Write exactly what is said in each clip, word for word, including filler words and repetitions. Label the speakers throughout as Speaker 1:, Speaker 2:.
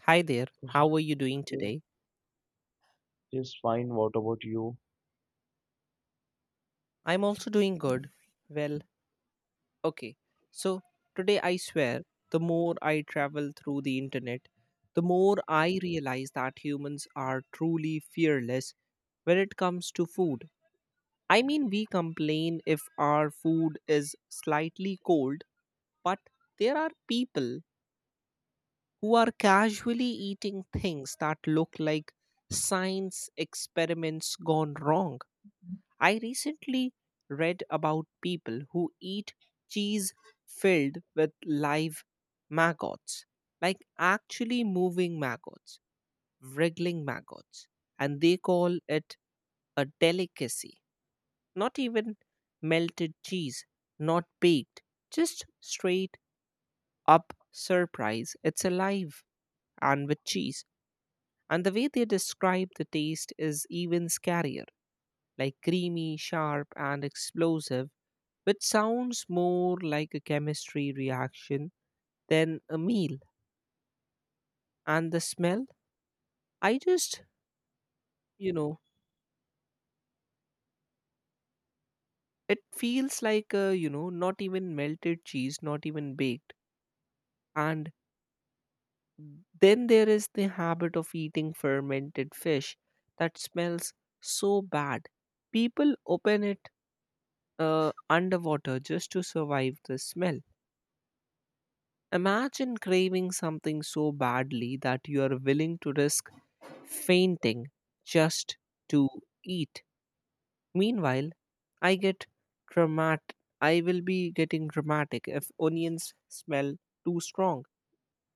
Speaker 1: Hi there, how are you doing
Speaker 2: It
Speaker 1: today?
Speaker 2: is fine. What about you?
Speaker 1: I'm also doing good. Well, okay. So, today I swear, the more I travel through the internet, the more I realize that humans are truly fearless when it comes to food. I mean, we complain if our food is slightly cold, but there are people who are casually eating things that look like science experiments gone wrong. I recently read about people who eat cheese filled with live maggots, like actually moving maggots, wriggling maggots, and they call it a delicacy. Not even melted cheese, not baked, just straight up surprise. It's alive and with cheese. And the way they describe the taste is even scarier, like creamy, sharp, and explosive, which sounds more like a chemistry reaction than a meal. And the smell, I just, you know, it feels like a, you know, not even melted cheese, not even baked. And then there is the habit of eating fermented fish that smells so bad. People open it uh, underwater just to survive the smell. Imagine craving something so badly that you are willing to risk fainting just to eat. Meanwhile, I get dramatic. I will be getting dramatic if onions smell too strong.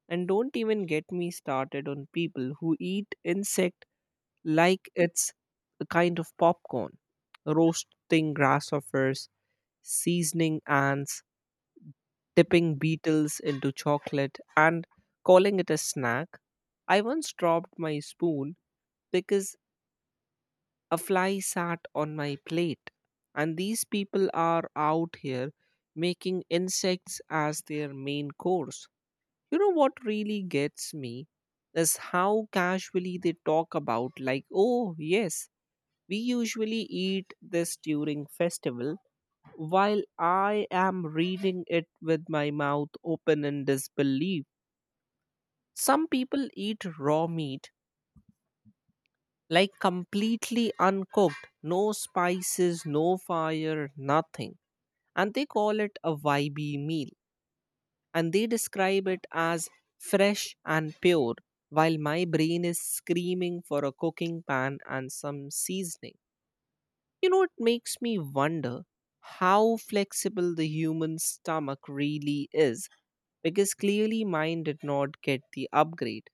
Speaker 1: And don't even get me started on people who eat insect like it's a kind of popcorn, roasting grasshoppers, seasoning ants, dipping beetles into chocolate, and calling it a snack. I once dropped my spoon because a fly sat on my plate. And these people are out here making insects as their main course. You know what really gets me is how casually they talk about, like, oh, yes, we usually eat this during festival, while I am reading it with my mouth open in disbelief. Some people eat raw meat, like completely uncooked, no spices, no fire, nothing. And they call it a Y B meal. And they describe it as fresh and pure, while my brain is screaming for a cooking pan and some seasoning. You know, it makes me wonder how flexible the human stomach really is, because clearly mine did not get the upgrade,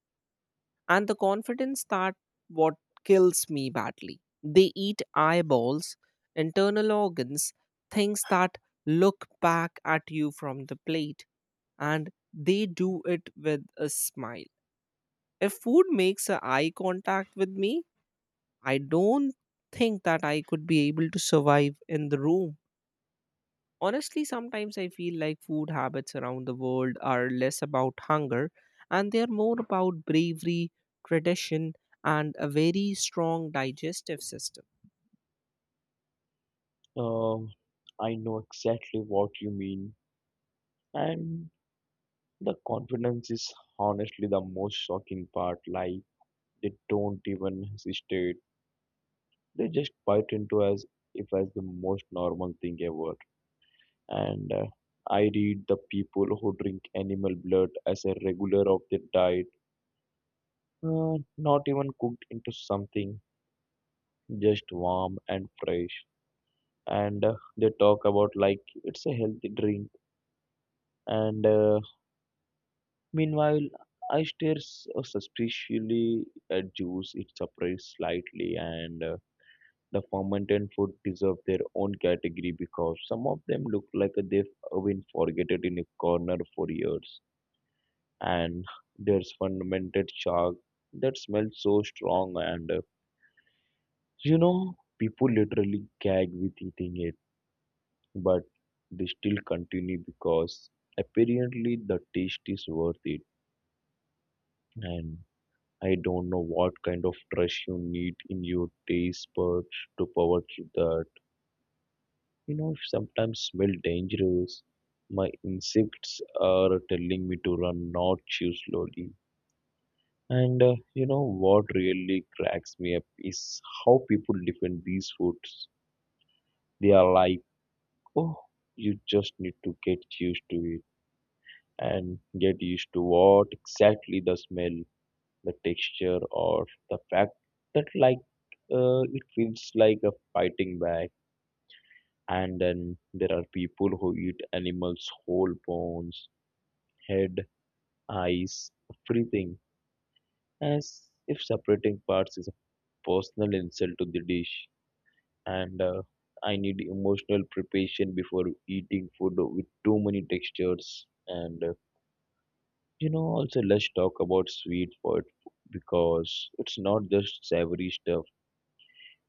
Speaker 1: and the confidence that what kills me badly, they eat eyeballs, internal organs, things that look back at you from the plate, and they do it with a smile. If food makes a eye contact with me, I don't think that I could be able to survive in the room. Honestly, sometimes I feel like food habits around the world are less about hunger, and they are more about bravery, tradition, and a very strong digestive system.
Speaker 2: Um, I know exactly what you mean. And the confidence is honestly the most shocking part. Like they don't even hesitate. They just bite into as if as the most normal thing ever. And uh, I read the people who drink animal blood as a regular of their diet, uh, not even cooked into something, just warm and fresh. And uh, They talk about like it's a healthy drink. And uh, meanwhile, I stare s- uh, suspiciously at juice. It separates slightly, and uh, the fermented food deserve their own category because some of them look like they've been forgotten in a corner for years. And There's fermented shark that smells so strong and uh, you know people literally gag with eating it, but they still continue because apparently the taste is worth it. And I don't know what kind of trust you need in your taste buds to power through that. You know sometimes smell dangerous. My insects are telling me to run, not chew slowly. And uh, You know what really cracks me up is how people defend these foods. They are like, oh, you just need to get used to it. And get used to what exactly? The smell, the texture, or the fact that like uh, it feels like a fighting back. And then there are people who eat animals' whole bones, head, eyes, everything, as if separating parts is a personal insult to the dish. And uh, I need emotional preparation before eating food with too many textures. And uh, You know, also let's talk about sweet food because it's not just savory stuff.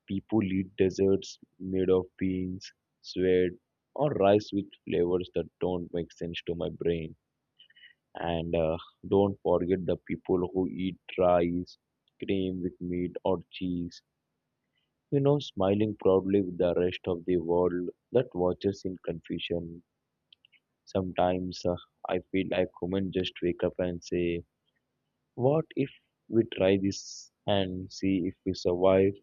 Speaker 2: People eat desserts made of beans, sweat, or rice with flavors that don't make sense to my brain. And uh, Don't forget the people who eat rice, cream with meat or cheese, you know, smiling proudly with the rest of the world that watches in confusion. Sometimes uh, I feel like humans just wake up and say, what if we try this and see if we survive?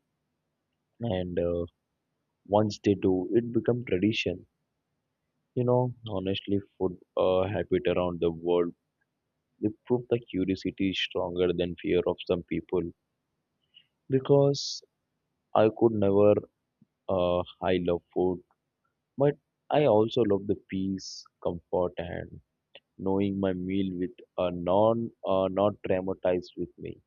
Speaker 2: And uh, Once they do, it becomes tradition. You know, honestly, food uh, habit around the world, they prove that curiosity is stronger than fear of some people. Because I could never, uh, I love food. But I also love the peace, comfort, and knowing my meal with a non uh, not traumatized with me.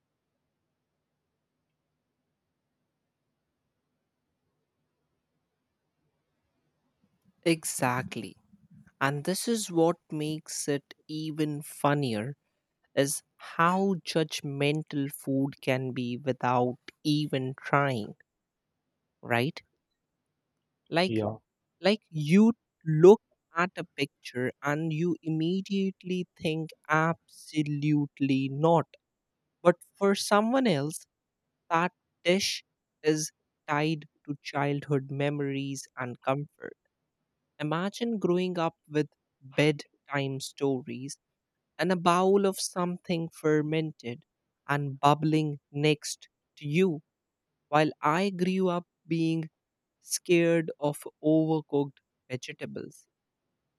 Speaker 1: Exactly. And this is what makes it even funnier, is how judgmental food can be without even trying, right? like
Speaker 2: Yeah,
Speaker 1: like you look at a picture and you immediately think absolutely not, but for someone else, that dish is tied to childhood memories and comfort. Imagine growing up with bedtime stories and a bowl of something fermented and bubbling next to you, while I grew up being scared of overcooked vegetables.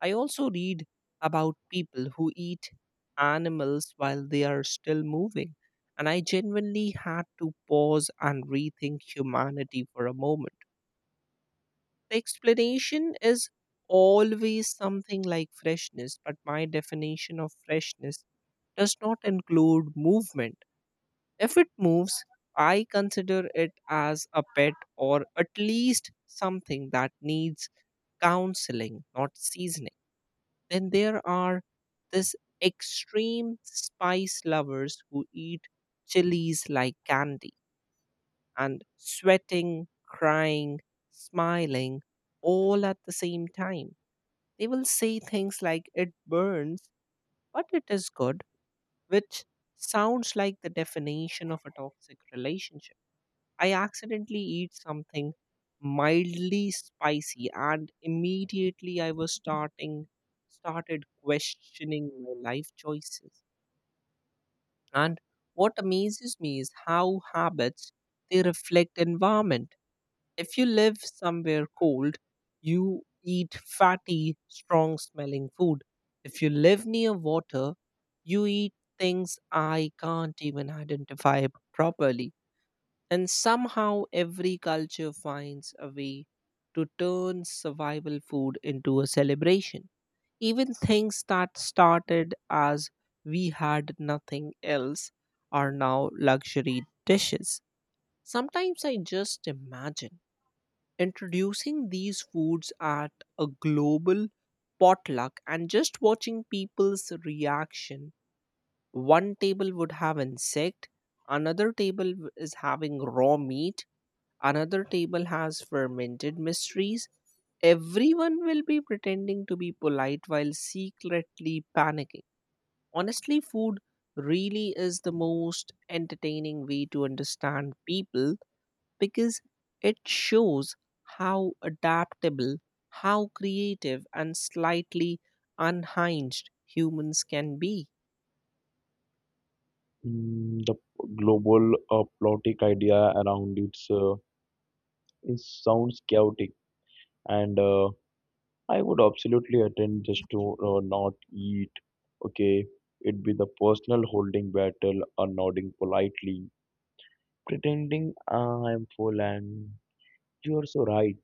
Speaker 1: I also read about people who eat animals while they are still moving, and I genuinely had to pause and rethink humanity for a moment. The explanation is always something like freshness, but my definition of freshness does not include movement. If it moves, I consider it as a pet, or at least something that needs counseling, not seasoning. Then there are this extreme spice lovers who eat chilies like candy and sweating, crying, smiling all at the same time. They will say things like, it burns, but it is good, which sounds like the definition of a toxic relationship. I accidentally eat something mildly spicy, and immediately I was starting started questioning my life choices. And what amazes me is how habits, they reflect environment. If you live somewhere cold, you eat fatty, strong smelling food. If you live near water, you eat things I can't even identify properly. And somehow every culture finds a way to turn survival food into a celebration. Even things that started as we had nothing else are now luxury dishes. Sometimes I just imagine introducing these foods at a global potluck and just watching people's reaction. One table would have insect, another table w- is having raw meat, another table has fermented mysteries. Everyone will be pretending to be polite while secretly panicking. Honestly, food really is the most entertaining way to understand people, because it shows how adaptable, how creative, and slightly unhinged humans can be.
Speaker 2: mm, the p- global uh, plotic idea around it's uh, it sounds chaotic, and uh, I would absolutely attend just to uh, not eat. Okay, it'd be the personal holding battle, or nodding politely, pretending I'm full, and you're so right.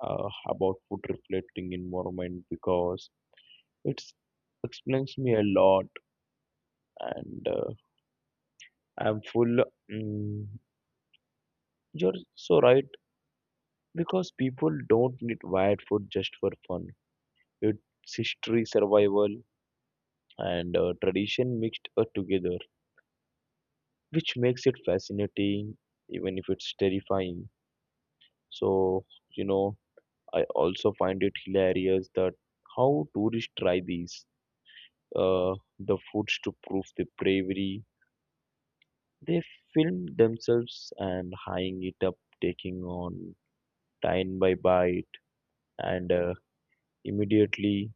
Speaker 2: uh, About food reflecting environment because it's explains me a lot and uh, I'm full. Mm, you're so right because people don't need wired food just for fun. It's history, survival, and uh, tradition mixed uh, together, which makes it fascinating, even if it's terrifying. So you know, I also find it hilarious that how tourists try these uh, the foods to prove the bravery. They filmed themselves and hanging it up, taking on time by bite, and uh, immediately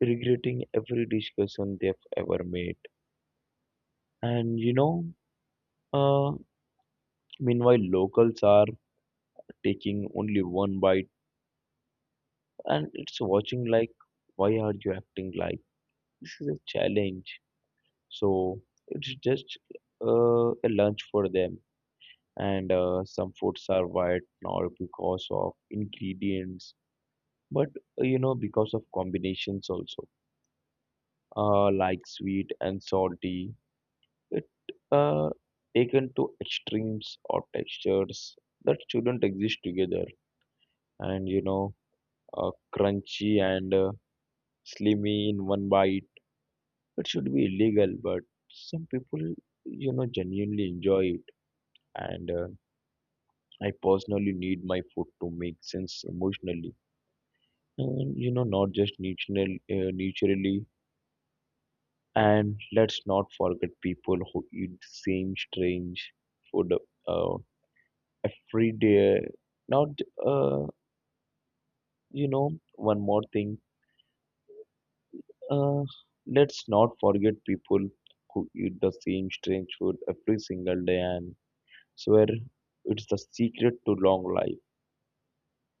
Speaker 2: regretting every discussion they've ever made. And you know, uh, meanwhile, locals are taking only one bite and it's watching like, why are you acting like this is a challenge? So it's just uh, a lunch for them. And uh, Some foods are white now because of ingredients, but uh, you know because of combinations also uh, like sweet and salty, it uh, taken to extremes or textures that shouldn't exist together. And you know uh, crunchy and uh, slimy in one bite, it should be illegal but some people you know genuinely enjoy it. And uh, I personally need my food to make sense emotionally, and you know not just natural, uh, naturally. And let's not forget people who eat same strange food uh, every day. Not, uh, you know, one more thing. Uh, let's not forget people who eat the same strange food every single day and swear it's the secret to long life.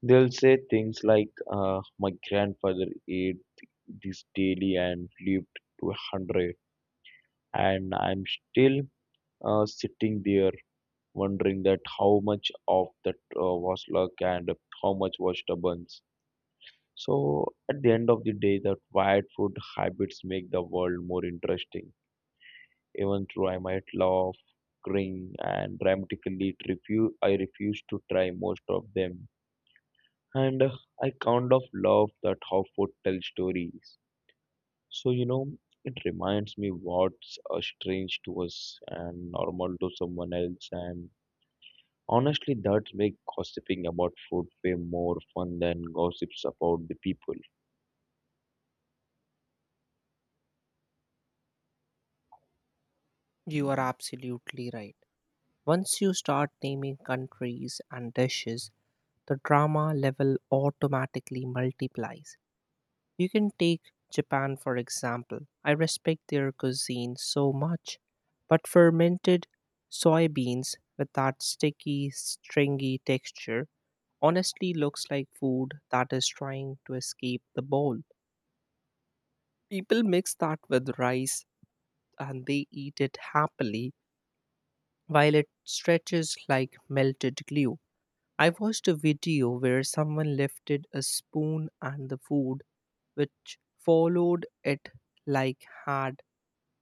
Speaker 2: They'll say things like, uh, my grandfather ate this daily and lived to a 100, and I'm still uh, sitting there wondering that how much of that uh, was luck and how much was stubbornness. So at the end of the day, that wired food habits make the world more interesting. Even though I might laugh, cringe, and dramatically refuse, I refuse to try most of them. And uh, I kind of love that how food tells stories. So you know, it reminds me what's uh, strange to us and normal to someone else, and honestly, that makes gossiping about food way more fun than gossips about the people.
Speaker 1: You are absolutely right. Once you start naming countries and dishes, the drama level automatically multiplies. You can take Japan for example. I respect their cuisine so much, but fermented soybeans with that sticky, stringy texture honestly looks like food that is trying to escape the bowl. People mix that with rice and they eat it happily while it stretches like melted glue. I watched a video where someone lifted a spoon and the food, which followed it like had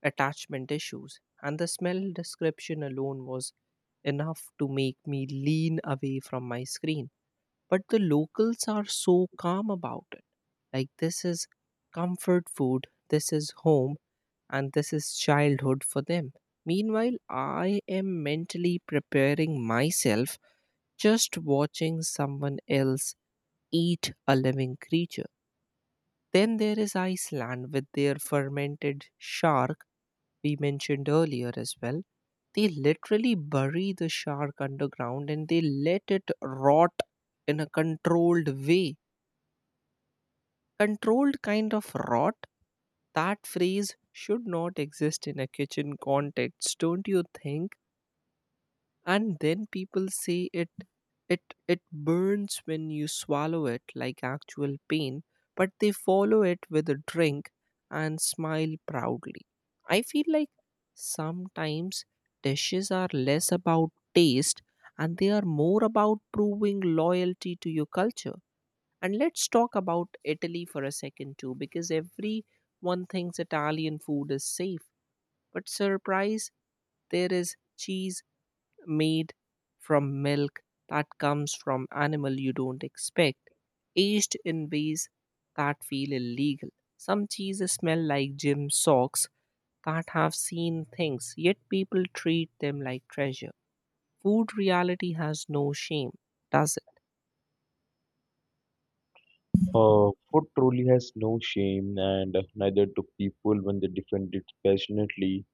Speaker 1: attachment issues, and the smell description alone was enough to make me lean away from my screen. But the locals are so calm about it. Like, this is comfort food, this is home, and this is childhood for them. Meanwhile, I am mentally preparing myself just watching someone else eat a living creature. Then there is Iceland with their fermented shark we mentioned earlier as well. They literally bury the shark underground and they let it rot in a controlled way. Controlled kind of rot? That phrase should not exist in a kitchen context, don't you think? And then people say it it it burns when you swallow it, like actual pain, but they follow it with a drink and smile proudly. I feel like sometimes dishes are less about taste, and they are more about proving loyalty to your culture. And let's talk about Italy for a second too, because everyone thinks Italian food is safe, but surprise, there is cheese made from milk that comes from animal you don't expect, aged in ways that feel illegal. Some cheeses smell like gym socks that have seen things, yet people treat them like treasure. Food reality has no shame, does it?
Speaker 2: Uh, food truly has no shame, and neither do people when they defend it passionately.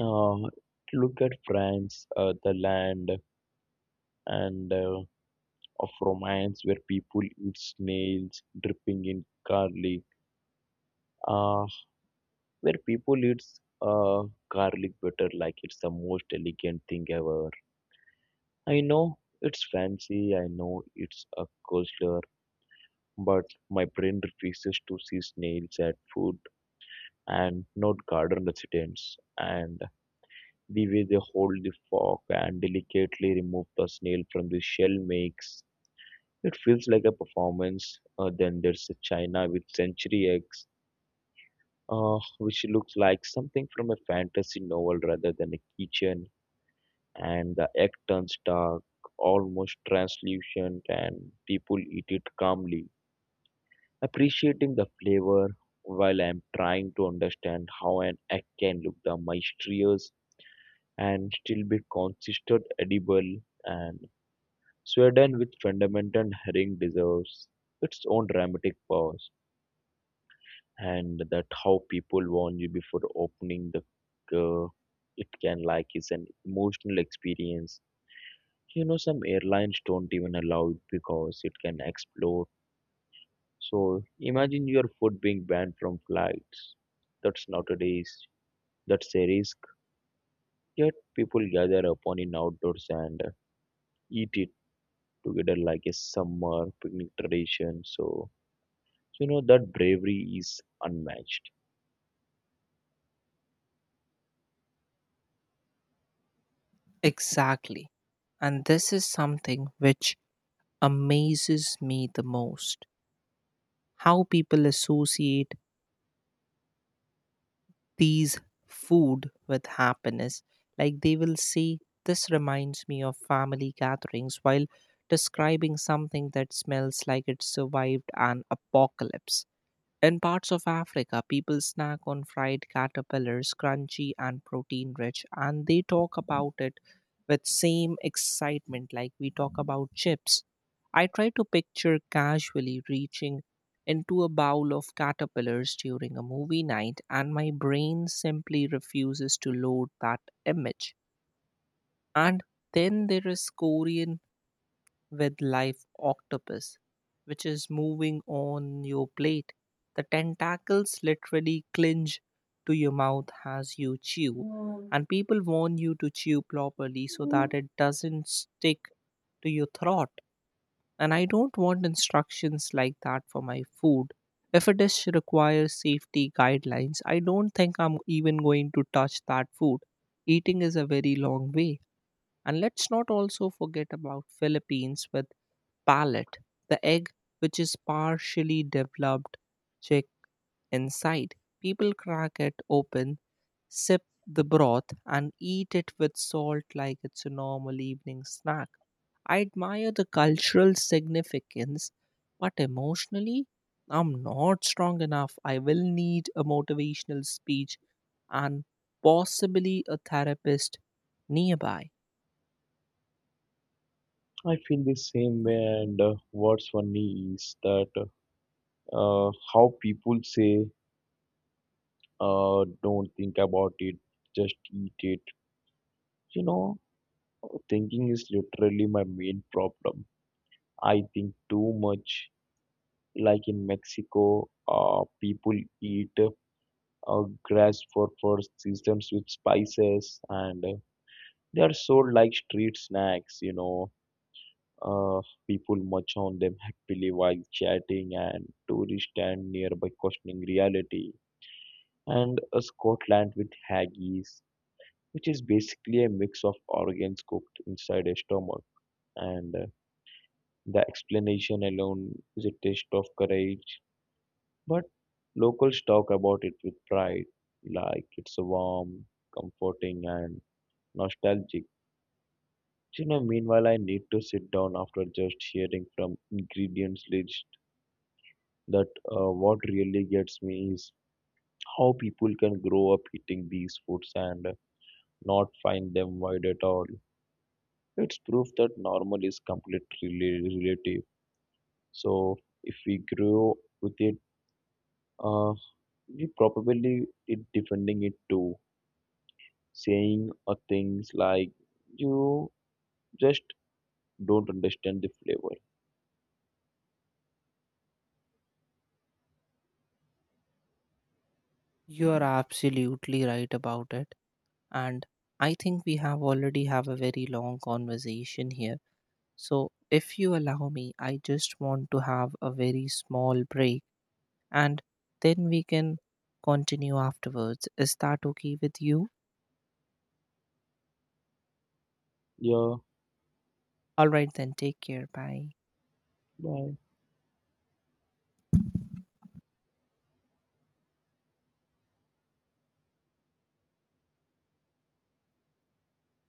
Speaker 2: Uh, Look at France, uh, the land, and uh, of romance, where people eat snails dripping in garlic. Uh, where people eat uh, garlic butter like it's the most elegant thing ever. I know it's fancy, I know it's a culture, but my brain refuses to see snails at food and not garden residents. And the way they hold the fork and delicately remove the snail from the shell makes it feels like a performance. Uh, then there's a China with century eggs, uh, which looks like something from a fantasy novel rather than a kitchen, and the egg turns dark, almost translucent, and people eat it calmly, appreciating the flavor while I'm trying to understand how an egg can look the mysterious and still be considered edible. And Sweden, with fundamental herring, deserves its own dramatic pause, and that how people warn you before opening the. Uh, it can like is an emotional experience. You know, some airlines don't even allow it because it can explode. So imagine your food being banned from flights. That's nowadays, that's a risk. Yet people gather upon in outdoors and eat it together like a summer picnic tradition. So, you know, that bravery is unmatched.
Speaker 1: Exactly. And this is something which amazes me the most, how people associate these food with happiness. Like they will say, this reminds me of family gatherings, while describing something that smells like it survived an apocalypse. In parts of Africa, people snack on fried caterpillars, crunchy and protein rich, and they talk about it with same excitement like we talk about chips. I try to picture casually reaching into a bowl of caterpillars during a movie night, and my brain simply refuses to load that image. And then there is Korean with live octopus, which is moving on your plate. The tentacles literally clinch to your mouth as you chew, Mm. and people warn you to chew properly so that Mm. it doesn't stick to your throat. And I don't want instructions like that for my food. If a dish requires safety guidelines, I don't think I'm even going to touch that food. Eating is a very long way. And let's not also forget about Philippines with palate, the egg, which is partially developed, check inside. People crack it open, sip the broth, and eat it with salt like it's a normal evening snack. I admire the cultural significance, but emotionally, I'm not strong enough. I will need a motivational speech and possibly a therapist nearby.
Speaker 2: I feel the same way, and uh, what's funny is that uh, how people say, uh, don't think about it, just eat it. You know, thinking is literally my main problem. I think too much. Like in Mexico, uh, people eat uh, grass for for seasons with spices, and uh, they are sold like street snacks. You know, uh, people munch on them happily while chatting, and tourists stand nearby questioning reality. And uh, Scotland with haggis, which is basically a mix of organs cooked inside a stomach, and uh, the explanation alone is a test of courage, but locals talk about it with pride, like it's warm, comforting, and nostalgic. You know, meanwhile, I need to sit down after just hearing from ingredients list that uh, what really gets me is how people can grow up eating these foods and not find them wide at all. It's proof that normal is completely rela- relative. So if we grow with it, Uh, you probably it defending it too, saying uh, things like you just don't understand the flavor.
Speaker 1: You are absolutely right about it. And I think we have already have a very long conversation here, so if you allow me, I just want to have a very small break, and then we can continue afterwards. Is that okay with you?
Speaker 2: Yeah,
Speaker 1: All right then, take care, bye.
Speaker 2: bye.